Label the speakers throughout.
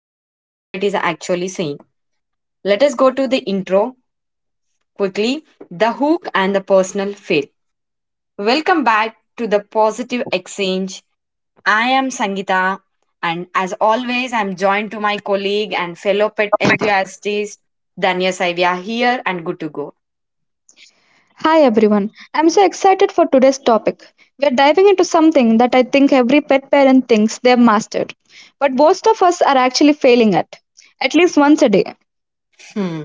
Speaker 1: What Your Pet is Actually Saying. Let us go to the intro quickly, the hook and the personal fail. Welcome back to the positive exchange. I am Sangita, and as always, I'm joined to my colleague and fellow pet enthusiast, Danya Saivya, here and good to go.
Speaker 2: Hi everyone. I'm so excited for today's topic. We're diving into something that I think every pet parent thinks they've mastered, but most of us are actually failing at least once a day.
Speaker 1: Hmm.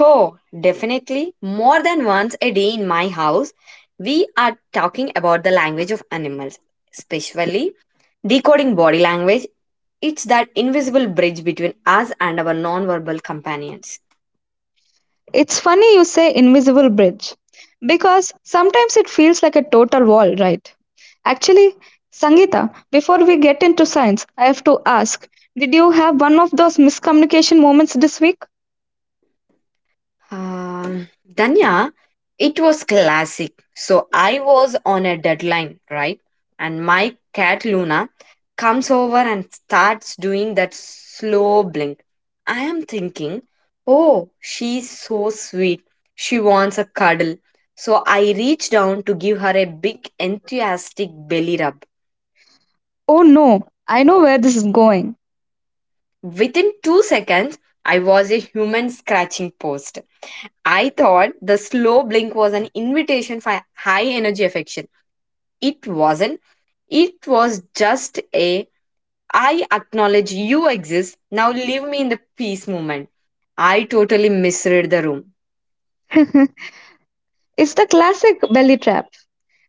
Speaker 1: Oh, definitely. More than once a day in my house, we are talking about the language of animals, especially decoding body language. It's that invisible bridge between us and our nonverbal companions.
Speaker 2: It's funny you say invisible bridge because sometimes it feels like a total wall, right? Actually, Sangeeta, before we get into science, I have to ask, did you have one of those miscommunication moments this week?
Speaker 1: Um, Danya, it was classic. So I was on a deadline, right? And my cat Luna comes over and starts doing that slow blink. I am thinking, oh, she's so sweet. She wants a cuddle. So I reach down to give her a big enthusiastic belly rub.
Speaker 2: Oh no, I know where this is going.
Speaker 1: Within 2 seconds, I was a human scratching post. I thought the slow blink was an invitation for high energy affection. It wasn't. It was just a I acknowledge you exist, now leave me in the peace moment. I totally misread the room.
Speaker 2: It's the classic belly trap.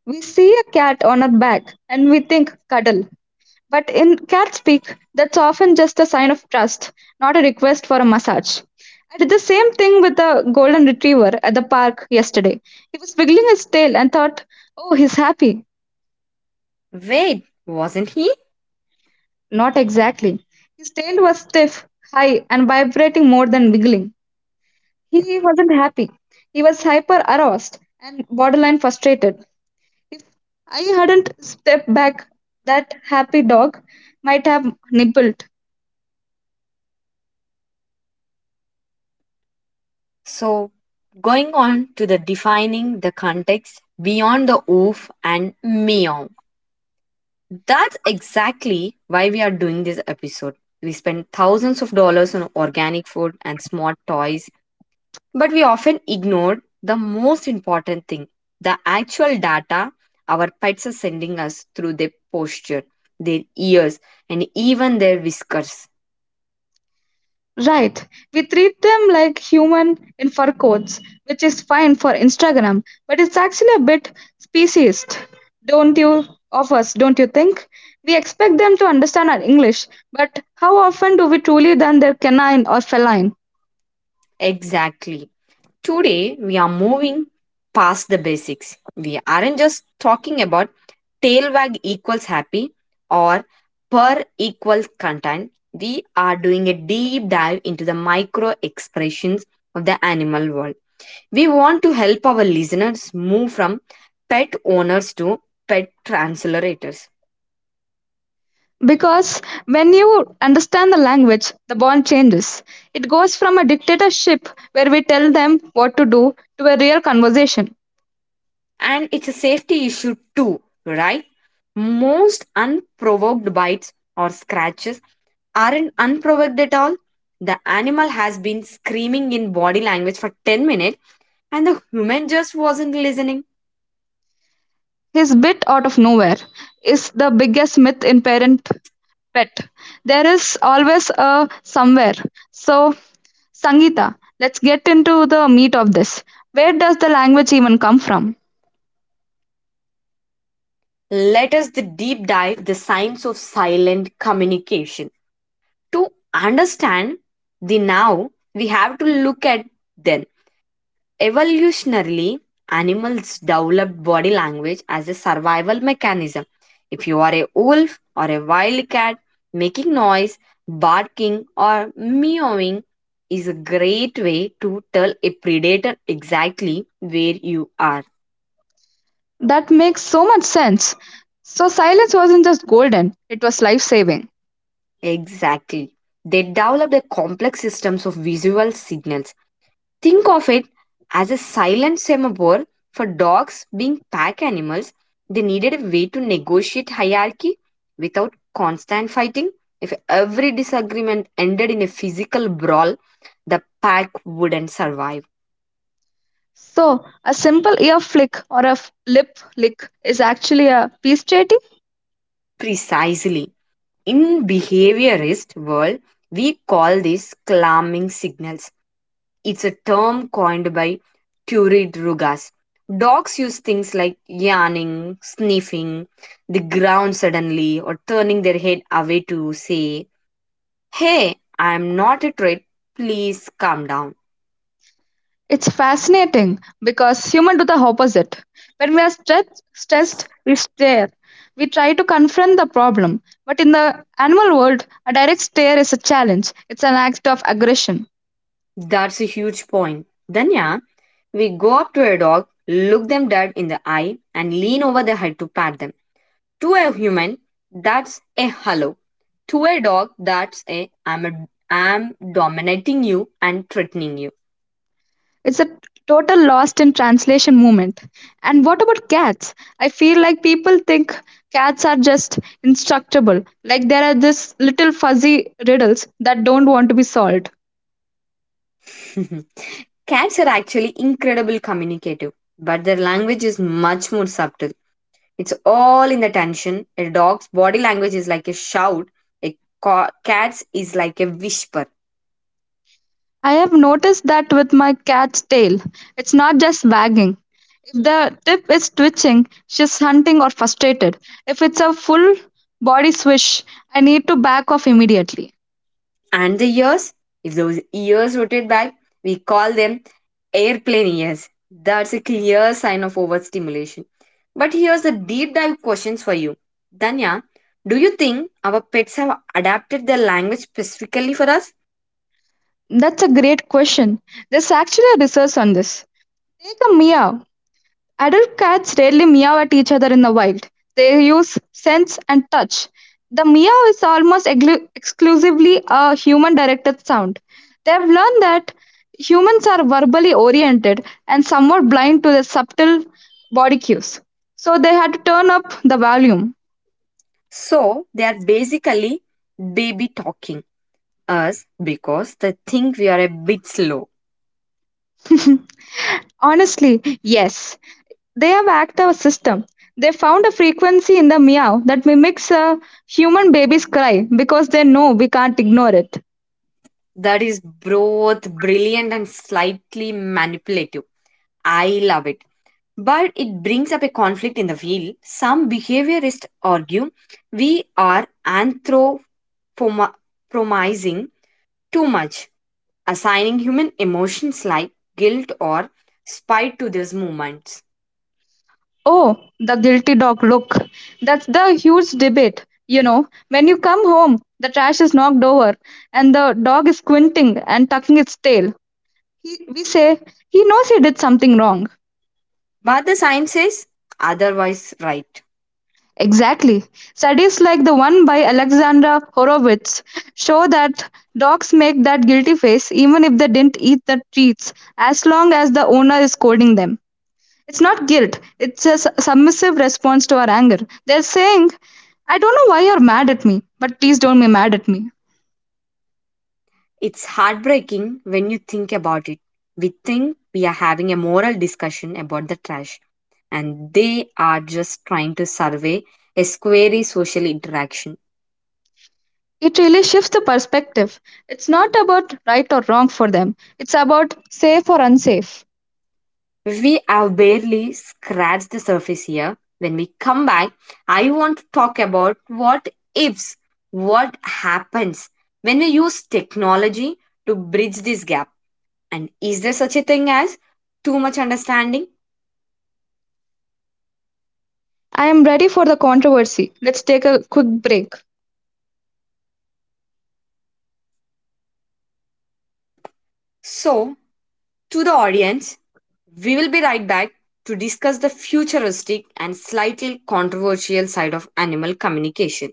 Speaker 2: We see a cat on our back and we think cuddle, but in cat speak, that's often just a sign of trust, not a request for a massage. I did the same thing with the golden retriever at the park yesterday. He was wiggling his tail and thought, oh, he's happy.
Speaker 1: Wait, wasn't he?
Speaker 2: Not exactly. His tail was stiff, high, and vibrating more than wiggling. He wasn't happy. He was hyper aroused and borderline frustrated. If I hadn't stepped back, that happy dog might have nibbled.
Speaker 1: So, going on to the defining the context beyond the oof and meow. That's exactly why we are doing this episode. We spend thousands of dollars on organic food and smart toys, but we often ignore the most important thing, the actual data our pets are sending us through their posture, their ears, and even their whiskers.
Speaker 2: Right. We treat them like human in fur coats, which is fine for Instagram, but it's actually a bit speciesist, don't you? Of us, don't you think? We expect them to understand our English, but how often do we truly learn their canine or feline?
Speaker 1: Exactly. Today, we are moving past the basics. We aren't just talking about tail wag equals happy or purr equals content. We are doing a deep dive into the micro expressions of the animal world. We want to help our listeners move from pet owners to pet translators.
Speaker 2: Because when you understand the language, the bond changes. It goes from a dictatorship where we tell them what to do to a real conversation.
Speaker 1: And it's a safety issue too, right? Most unprovoked bites or scratches aren't unprovoked at all. The animal has been screaming in body language for 10 minutes and the human just wasn't listening.
Speaker 2: His bit out of nowhere is the biggest myth in parent pet. There is always a somewhere. So, Sangeeta, let's get into the meat of this. Where does the language even come from?
Speaker 1: Let us the deep dive the science of silent communication. To understand the now, we have to look at then. Evolutionarily, animals developed body language as a survival mechanism. If you are a wolf or a wildcat, making noise, barking, or meowing is a great way to tell a predator exactly where you are.
Speaker 2: That makes so much sense. So, silence wasn't just golden, it was life saving.
Speaker 1: Exactly. They developed a complex systems of visual signals. Think of it as a silent semaphore for dogs being pack animals. They needed a way to negotiate hierarchy without constant fighting. If every disagreement ended in a physical brawl, the pack wouldn't survive.
Speaker 2: So, a simple ear flick or a lip lick is actually a peace treaty.
Speaker 1: Precisely. In behaviorist world, we call this calming signals. It's a term coined by Turid Rugas. Dogs use things like yawning, sniffing the ground suddenly, or turning their head away to say, "Hey, I'm not a threat, please calm down."
Speaker 2: It's fascinating because humans do the opposite. When we are stressed, we stare. We try to confront the problem. But in the animal world, a direct stare is a challenge. It's an act of aggression.
Speaker 1: That's a huge point. Then, yeah, we go up to a dog, look them dead in the eye, and lean over their head to pat them. To a human, that's a hello. To a dog, that's a I'm dominating you and threatening you.
Speaker 2: It's a total lost in translation movement. And what about cats? I feel like people think cats are just instructable, like there are this little fuzzy riddles that don't want to be solved.
Speaker 1: Cats are actually incredible communicative, but their language is much more subtle. It's all in the tension. A dog's body language is like a shout, a cat's is like a whisper.
Speaker 2: I have noticed that with my cat's tail. It's not just wagging. If the tip is twitching, she's hunting or frustrated. If it's a full body swish, I need to back off immediately.
Speaker 1: And the ears, if those ears rotate back, we call them airplane ears. That's a clear sign of overstimulation. But here's the deep dive questions for you. Danya, do you think our pets have adapted their language specifically for us?
Speaker 2: That's a great question. There's actually a research on this. Take a meow. Adult cats rarely meow at each other in the wild. They use sense and touch. The meow is almost exclusively a human directed sound. They have learned that humans are verbally oriented and somewhat blind to the subtle body cues. So they had to turn up the volume.
Speaker 1: So they are basically baby talking us because they think we are a bit slow.
Speaker 2: Honestly, yes. They have hacked our system. They found a frequency in the meow that mimics a human baby's cry because they know we can't ignore it.
Speaker 1: That is both brilliant and slightly manipulative. I love it. But it brings up a conflict in the field. Some behaviorists argue we are anthropomizing too much, assigning human emotions like guilt or spite to these movements.
Speaker 2: Oh, the guilty dog. Look, that's the huge debate. You know, when you come home, the trash is knocked over and the dog is squinting and tucking its tail. We say he knows he did something wrong.
Speaker 1: But the science says otherwise, right.
Speaker 2: Exactly. Studies like the one by Alexandra Horowitz show that dogs make that guilty face even if they didn't eat the treats, as long as the owner is scolding them. It's not guilt, it's a submissive response to our anger. They're saying, I don't know why you're mad at me, but please don't be mad at me.
Speaker 1: It's heartbreaking when you think about it. We think we are having a moral discussion about the trash, and they are just trying to survey a squarely social interaction.
Speaker 2: It really shifts the perspective. It's not about right or wrong for them, it's about safe or unsafe.
Speaker 1: We have barely scratched the surface here. When we come back, I want to talk about what ifs, what happens when we use technology to bridge this gap, and is there such a thing as too much understanding?
Speaker 2: I am ready for the controversy. Let's take a quick break.
Speaker 1: So, to the audience, we will be right back to discuss the futuristic and slightly controversial side of animal communication.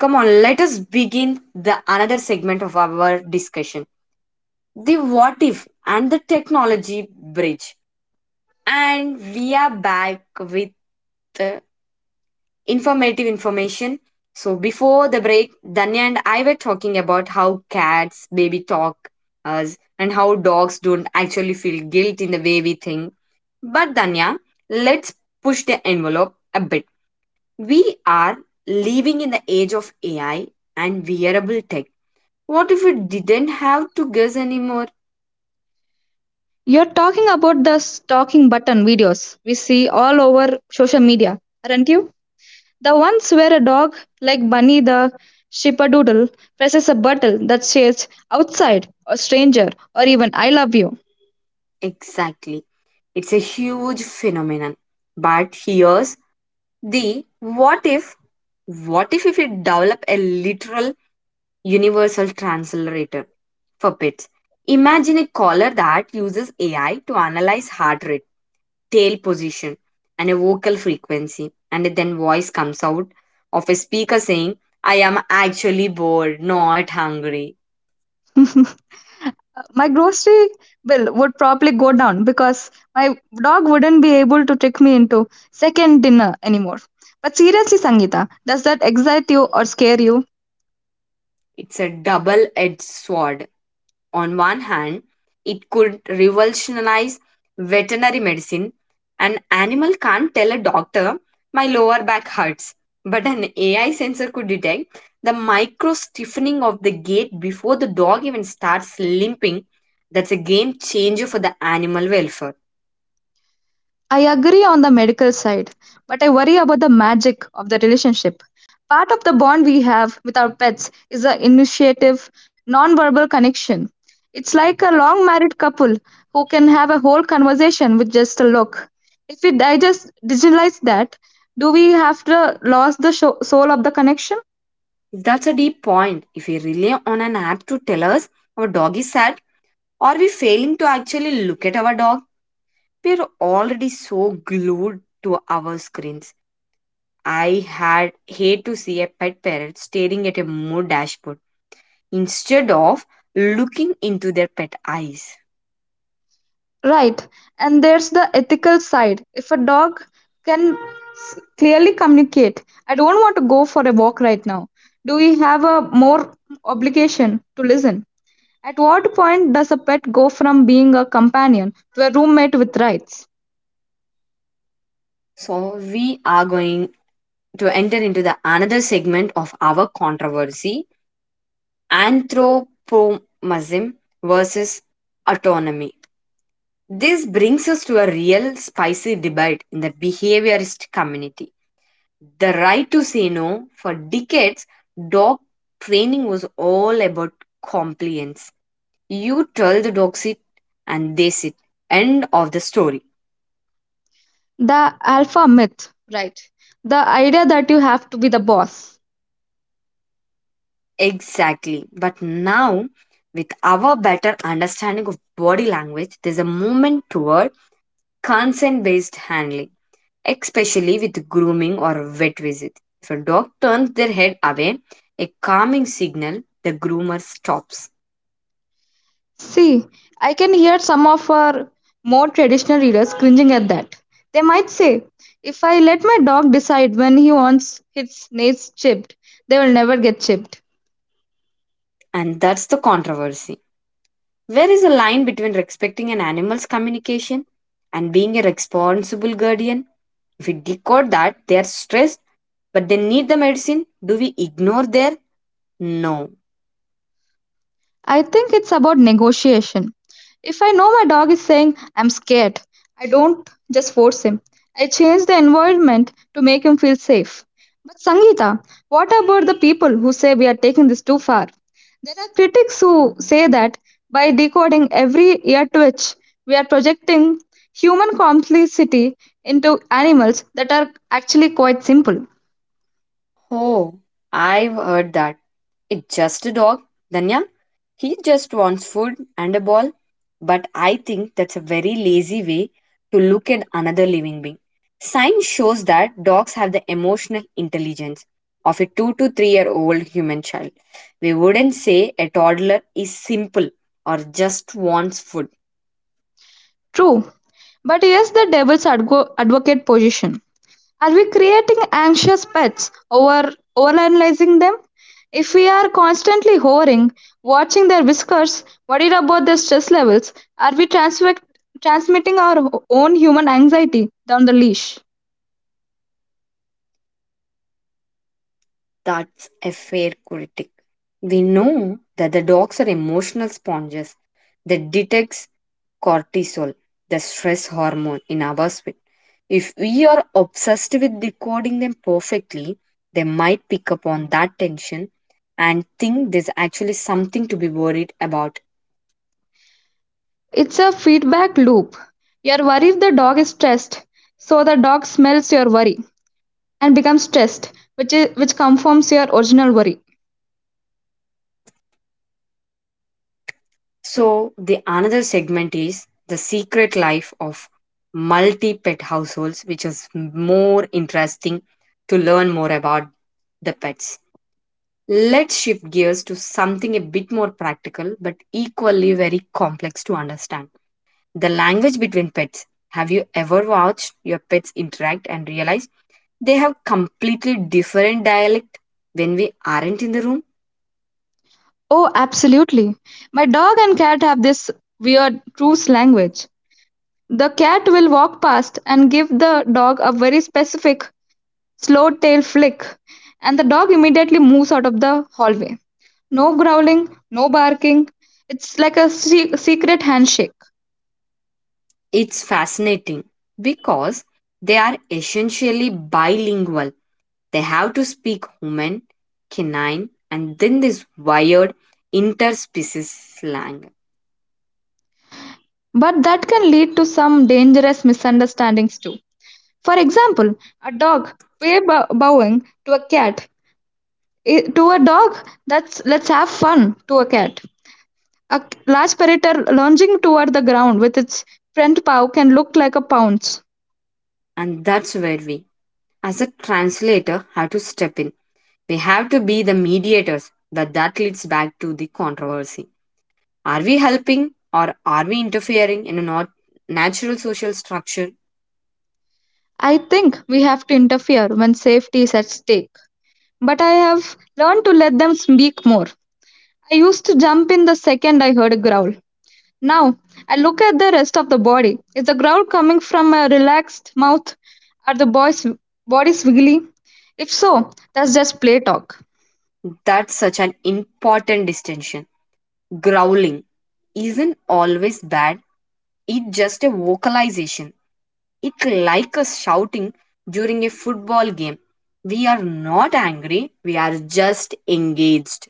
Speaker 1: Come on, let us begin the another segment of our discussion. The what if and the technology bridge. And we are back with uh, informative information. So before the break, Danya and I were talking about how cats baby talk us and how dogs don't actually feel guilt in the way we think. But Danya, let's push the envelope a bit. We are living in the age of AI and wearable tech. What if we didn't have to guess anymore?
Speaker 2: You're talking about the stalking button videos we see all over social media, aren't you? The ones where a dog like Bunny the Shippadoodle presses a button that says outside or stranger or even I love you.
Speaker 1: Exactly. It's a huge phenomenon. But here's the what if, what if we develop a literal universal translator for pets? Imagine a collar that uses AI to analyze heart rate, tail position, and a vocal frequency, and then voice comes out of a speaker saying, "I am actually bored, not hungry."
Speaker 2: My grocery bill would probably go down because my dog wouldn't be able to trick me into second dinner anymore. But seriously, Sangeeta, does that excite you or scare you?
Speaker 1: It's a double edged sword. On one hand, it could revolutionize veterinary medicine. An animal can't tell a doctor, "my lower back hurts." But an AI sensor could detect the micro stiffening of the gait before the dog even starts limping. That's a game changer for the animal welfare.
Speaker 2: I agree on the medical side, but I worry about the magic of the relationship. Part of the bond we have with our pets is the initiative, non-verbal connection. It's like a long married couple who can have a whole conversation with just a look. If we digest digitalize that, do we have to lose the soul of the connection?
Speaker 1: That's a deep point. If we rely on an app to tell us our dog is sad, are we failing to actually look at our dog? We're already so glued to our screens. I had hate to see a pet parent staring at a mood dashboard instead of looking into their pet eyes.
Speaker 2: Right, and there's the ethical side. If a dog can clearly communicate, I don't want to go for a walk right now. Do we have a more obligation to listen? At what point does a pet go from being a companion to a roommate with rights?
Speaker 1: So we are going to enter into the another segment of our controversy, anthropomorphism versus autonomy. This brings us to a real spicy debate in the behaviorist community. The right to say no for decades, dog training was all about compliance. You tell the dog sit and they sit. End of the story.
Speaker 2: The alpha myth, right? The idea that you have to be the boss.
Speaker 1: Exactly. But now, with our better understanding of body language, there's a movement toward consent based handling, especially with grooming or vet visit. If a dog turns their head away, a calming signal, the groomer stops.
Speaker 2: See, I can hear some of our more traditional readers cringing at that. They might say, if I let my dog decide when he wants his nails chipped, they will never get chipped.
Speaker 1: And that's the controversy. Where is the line between respecting an animal's communication and being a responsible guardian? If we decode that they are stressed but they need the medicine, do we ignore their no?
Speaker 2: I think it's about negotiation. If I know my dog is saying, I'm scared, I don't just force him. I change the environment to make him feel safe. But Sangeeta, what about the people who say we are taking this too far? There are critics who say that by decoding every ear twitch, we are projecting human complexity into animals that are actually quite simple.
Speaker 1: Oh, I've heard that. It's just a dog. Danya, he just wants food and a ball. But I think that's a very lazy way to look at another living being. Science shows that dogs have the emotional intelligence of a 2 to 3 year old human child. We wouldn't say a toddler is simple or just wants food.
Speaker 2: True, but here's the devil's advocate position. Are we creating anxious pets over overanalyzing them? If we are constantly hovering, watching their whiskers, worried about their stress levels, are we transmitting our own human anxiety down the leash?
Speaker 1: That's a fair critic. We know that the dogs are emotional sponges that detects cortisol, the stress hormone in our sweat. If we are obsessed with decoding them perfectly, they might pick up on that tension and think there's actually something to be worried about.
Speaker 2: It's a feedback loop. You're worried the dog is stressed, so the dog smells your worry and becomes stressed, which confirms your original worry.
Speaker 1: So the another segment is the secret life of multi pet households, which is more interesting to learn more about the pets. Let's shift gears to something a bit more practical but equally very complex to understand. The language between pets. Have you ever watched your pets interact and realized they have completely different dialect when we aren't in the room?
Speaker 2: Oh, absolutely. My dog and cat have this weird truce language. The cat will walk past and give the dog a very specific slow tail flick, and the dog immediately moves out of the hallway. No growling, no barking. It's like a secret handshake.
Speaker 1: It's fascinating because they are essentially bilingual. They have to speak human, canine, and then this wired interspecies slang.
Speaker 2: But that can lead to some dangerous misunderstandings too. For example, a dog way bowing to a cat. To a dog, that's let's have fun to a cat. A large predator lunging toward the ground with its front paw can look like a pounce.
Speaker 1: And that's where we, as a translator, have to step in. We have to be the mediators, but that leads back to the controversy. Are we helping or are we interfering in a not natural social structure?
Speaker 2: I think we have to interfere when safety is at stake. But I have learned to let them speak more. I used to jump in the second I heard a growl. Now, I look at the rest of the body. Is the growl coming from a relaxed mouth? Are the boys' bodies wiggly? If so, that's just play talk.
Speaker 1: That's such an important distinction. Growling isn't always bad, it's just a vocalization. It's like us shouting during a football game. We are not angry, we are just engaged.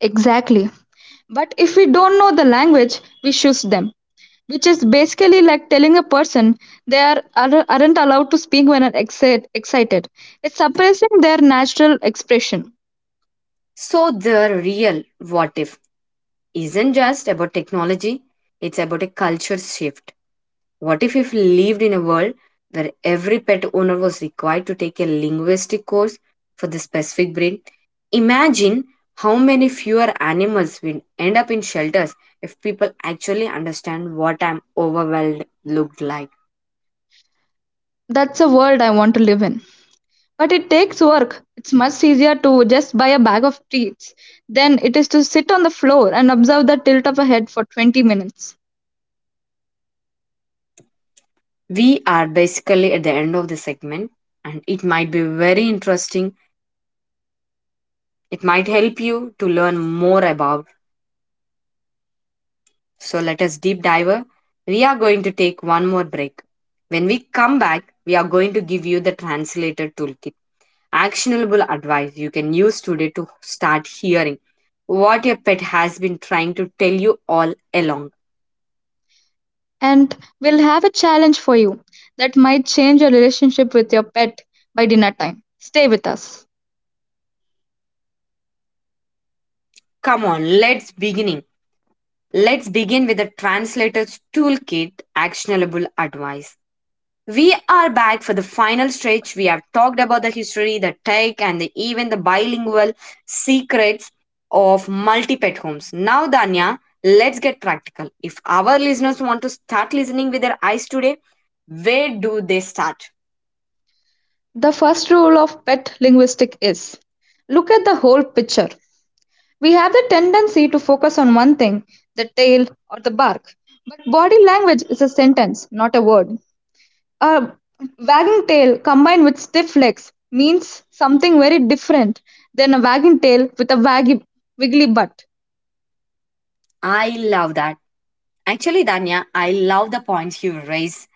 Speaker 2: Exactly. But if we don't know the language, we shush them, which is basically like telling a person they aren't allowed to speak when are excited. It's suppressing their natural expression.
Speaker 1: So, the real what if isn't just about technology, it's about a culture shift. What if we lived in a world where every pet owner was required to take a linguistic course for the specific breed? Imagine how many fewer animals will end up in shelters if people actually understand what I'm overwhelmed looked like.
Speaker 2: That's a world I want to live in. But it takes work. It's much easier to just buy a bag of treats than it is to sit on the floor and observe the tilt of a head for 20 minutes.
Speaker 1: We are basically at the end of the segment, and it might be very interesting. It might help you to learn more about. So let us deep dive. We are going to take one more break. When we come back, we are going to give you the translator toolkit, actionable advice you can use today to start hearing what your pet has been trying to tell you all along.
Speaker 2: And we'll have a challenge for you that might change your relationship with your pet by dinner time. Stay with us.
Speaker 1: Come on, let's beginning. Let's begin with the translator's toolkit, actionable advice. We are back for the final stretch. We have talked about the history, the tech, and the, even the bilingual secrets of multi pet homes. Now, Danya, let's get practical. If our listeners want to start listening with their eyes today, where do they start?
Speaker 2: The first rule of pet linguistics is look at the whole picture. We have the tendency to focus on one thing, the tail or the bark. But body language is a sentence, not a word. A wagging tail combined with stiff legs means something very different than a wagging tail with a waggy, wiggly butt.
Speaker 1: I love that. Actually, Danya, I love the points you raise.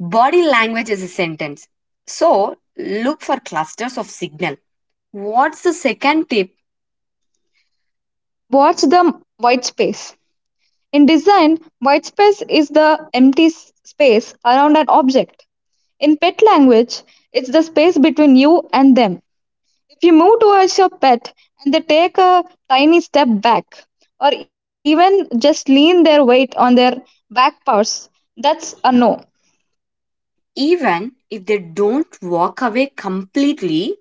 Speaker 1: Body language is a sentence. So, look for clusters of signal. What's the second tip?
Speaker 2: Watch the white space. In design, white space is the empty space around an object. In pet language, it's the space between you and them. If you move towards your pet and they take a tiny step back or even just lean their weight on their back paws, that's a no,
Speaker 1: Even if they don't walk away completely.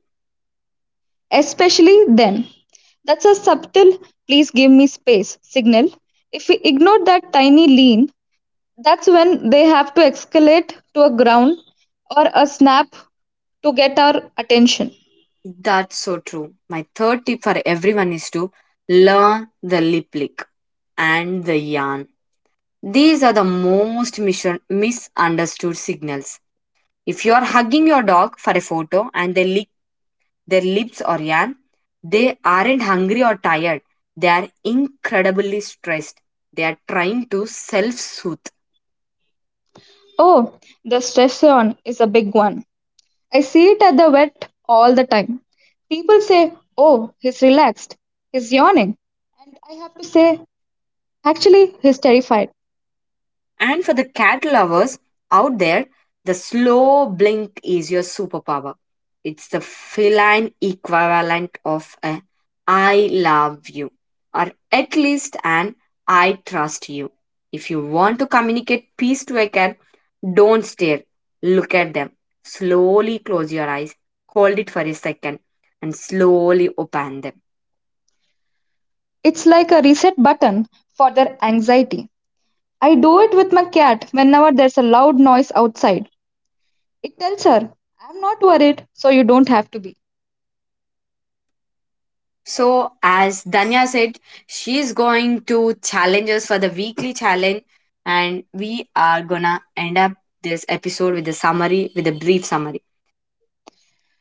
Speaker 2: especially then. That's a subtle, please give me space signal. If we ignore that tiny lean, that's when they have to escalate to a ground or a snap to get our attention.
Speaker 1: That's so true. My third tip for everyone is to learn the lip lick and the yarn. These are the most misunderstood signals. If you are hugging your dog for a photo and they lick their lips or yarn, they aren't hungry or tired, they are incredibly stressed. They are trying to self-soothe.
Speaker 2: Oh, the stress on is a big one. I see it at the vet all the time. People say, oh, he's relaxed, he's yawning. And I have to say, actually, he's terrified.
Speaker 1: And for the cat lovers out there, the slow blink is your superpower. It's the feline equivalent of a I love you, or at least an I trust you. If you want to communicate peace to a cat, don't stare. Look at them. Slowly close your eyes, hold it for a second, and slowly open them.
Speaker 2: It's like a reset button for their anxiety. I do it with my cat whenever there's a loud noise outside. It tells her, I'm not worried, so you don't have to be.
Speaker 1: So, as Danya said, she's going to challenge us for the weekly challenge, and we are gonna end up this episode with a summary, with a brief summary.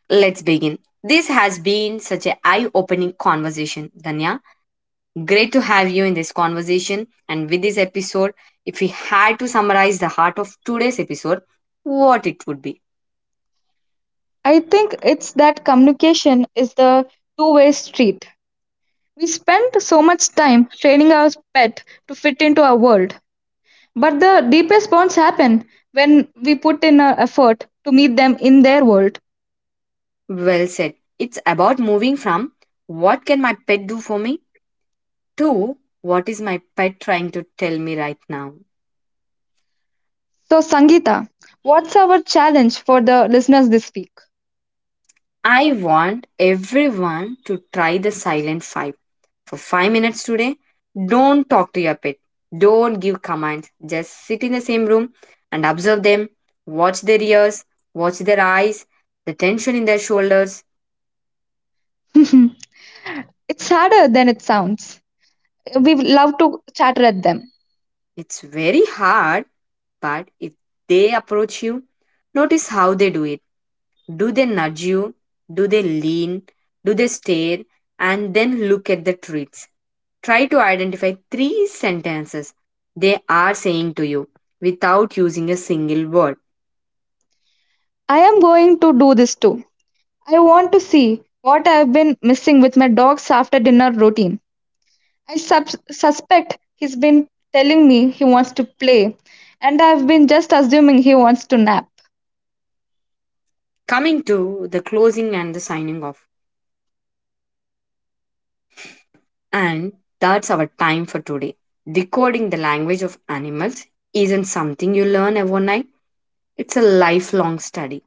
Speaker 1: Let's begin. This has been such an eye opening conversation, Danya. Great to have you in this conversation. And with this episode, if we had to summarize the heart of today's episode, what it would be?
Speaker 2: I think it's that communication is the two-way street. We spend so much time training our pet to fit into our world. But the deepest bonds happen when we put in our effort to meet them in their world.
Speaker 1: Well said. It's about moving from what can my pet do for me to what is my pet trying to tell me right now.
Speaker 2: So, Sangeeta, what's our challenge for the listeners this week?
Speaker 1: I want everyone to try the silent five for 5 minutes today. Don't talk to your pet. Don't give commands. Just sit in the same room and observe them. Watch their ears, watch their eyes, the tension in their shoulders.
Speaker 2: It's harder than it sounds. We love to chatter at them.
Speaker 1: It's very hard, but if they approach you, notice how they do it. Do they nudge you? Do they lean? Do they stare? And then look at the treats. Try to identify three sentences they are saying to you without using a single word.
Speaker 2: I am going to do this too. I want to see what I've been missing with my dog's after dinner routine. I suspect he's been telling me he wants to play, and I've been just assuming he wants to nap.
Speaker 1: Coming to the closing and the signing off. And that's our time for today. Decoding the language of animals isn't something you learn overnight, it's a lifelong study,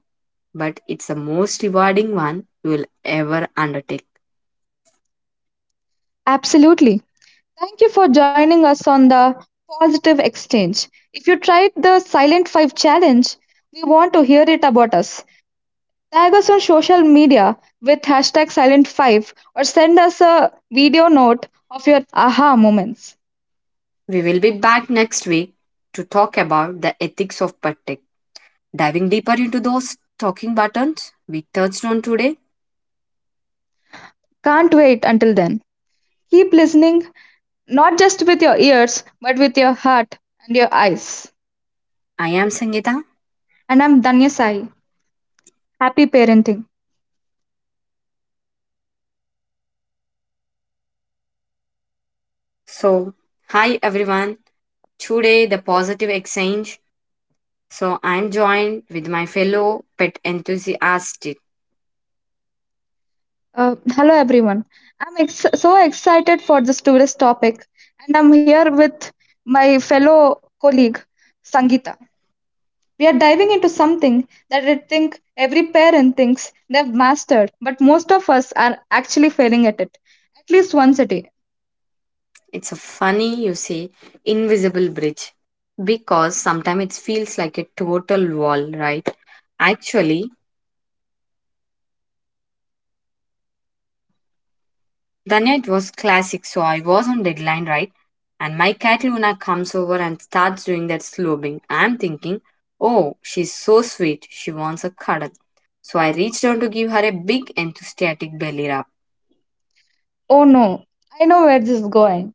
Speaker 1: but it's the most rewarding one you will ever undertake.
Speaker 2: Absolutely. Thank you for joining us on the Positive Exchange. If you tried the Silent 5 challenge, we want to hear it about us. Tag us on social media with hashtag Silent5 or send us a video note of your aha moments.
Speaker 1: We will be back next week to talk about the ethics of pet tech, diving deeper into those talking buttons we touched on today.
Speaker 2: Can't wait until then. Keep listening, not just with your ears, but with your heart and your eyes.
Speaker 1: I am Sangeeta.
Speaker 2: And I'm Danya Sai. Happy parenting.
Speaker 1: So, hi everyone. Today, the positive exchange. So, I'm joined with my fellow pet enthusiast.
Speaker 2: Hello everyone. I'm so excited for this tourist topic, and I'm here with my fellow colleague Sangeeta. We are diving into something that I think every parent thinks they've mastered, but most of us are actually failing at it, at least once a day.
Speaker 1: It's a funny, you see, invisible bridge, because sometimes it feels like a total wall, right? Actually, Danya, it was classic, so I was on deadline, right? And my cat Luna comes over and starts doing that slobing. I'm thinking, oh, she's so sweet, she wants a cuddle. So I reached down to give her a big enthusiastic belly rub.
Speaker 2: Oh no, I know where this is going.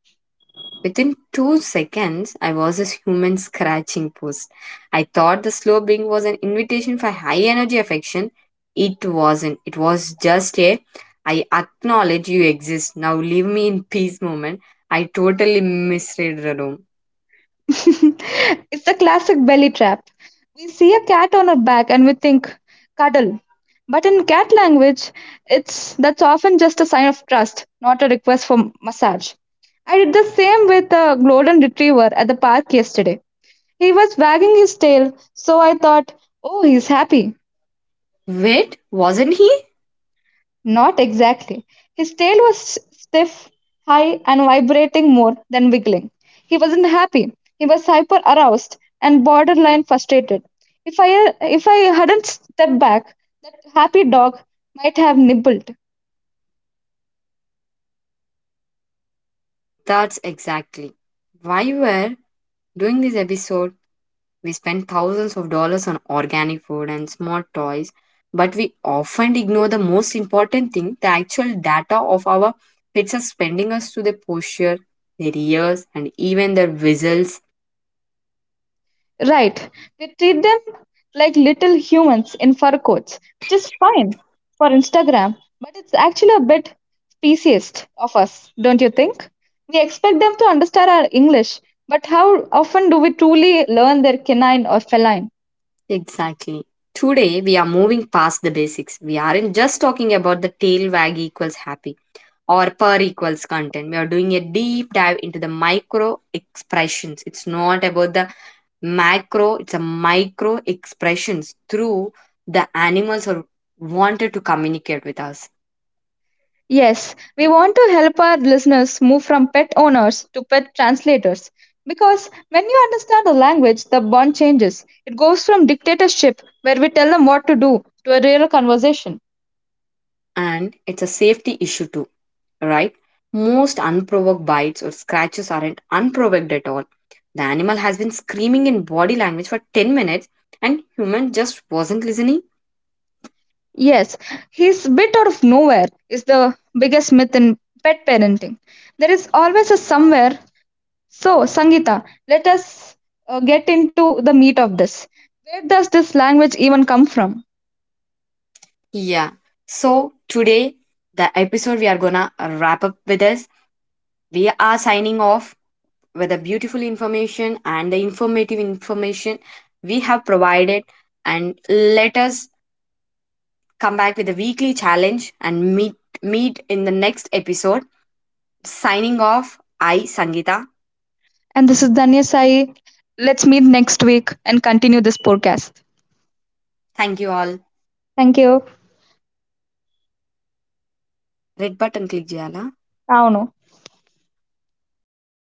Speaker 1: Within 2 seconds, I was a human scratching post. I thought the slobing was an invitation for high energy affection. It wasn't. It was just a I acknowledge you exist. Now leave me in peace moment. I totally misread the room.
Speaker 2: It's the classic belly trap. We see a cat on her back and we think, cuddle. But in cat language, it's that's often just a sign of trust, not a request for massage. I did the same with a golden retriever at the park yesterday. He was wagging his tail, so I thought, oh, he's happy.
Speaker 1: Wait, wasn't he?
Speaker 2: Not exactly. His tail was stiff, high, and vibrating more than wiggling. He wasn't happy. He was hyper aroused and borderline frustrated. If I hadn't stepped back, that happy dog might have nibbled.
Speaker 1: That's exactly why we were doing this episode. We spend thousands of dollars on organic food and smart toys, but we often ignore the most important thing, the actual data of our pets are spending us to their posture, their ears, and even their whistles.
Speaker 2: Right. We treat them like little humans in fur coats, which is fine for Instagram, but it's actually a bit speciesist of us, don't you think? We expect them to understand our English, but how often do we truly learn their canine or feline?
Speaker 1: Exactly. Today, we are moving past the basics. We aren't just talking about the tail wag equals happy, or per equals content. We are doing a deep dive into the micro expressions. It's not about the macro, it's a micro expressions through the animals are wanted to communicate with us.
Speaker 2: Yes, we want to help our listeners move from pet owners to pet translators because when you understand the language, the bond changes. It goes from dictatorship, where we tell them what to do, to a real conversation.
Speaker 1: And it's a safety issue too, right? Most unprovoked bites or scratches aren't unprovoked at all. The animal has been screaming in body language for 10 minutes and human just wasn't listening.
Speaker 2: Yes, he's bit out of nowhere is the biggest myth in pet parenting. There is always a somewhere. So, Sangeeta, let us get into the meat of this. Where does this language even come from?
Speaker 1: Yeah. So today the episode we are gonna wrap up with this. We are signing off with the beautiful information and the informative information we have provided. And let us come back with a weekly challenge and meet in the next episode. Signing off, I Sangita.
Speaker 2: And this is Danya Sai. Let's meet next week and continue this podcast.
Speaker 1: Thank you all.
Speaker 2: Thank you.
Speaker 1: Red button click jala.
Speaker 2: Avunu.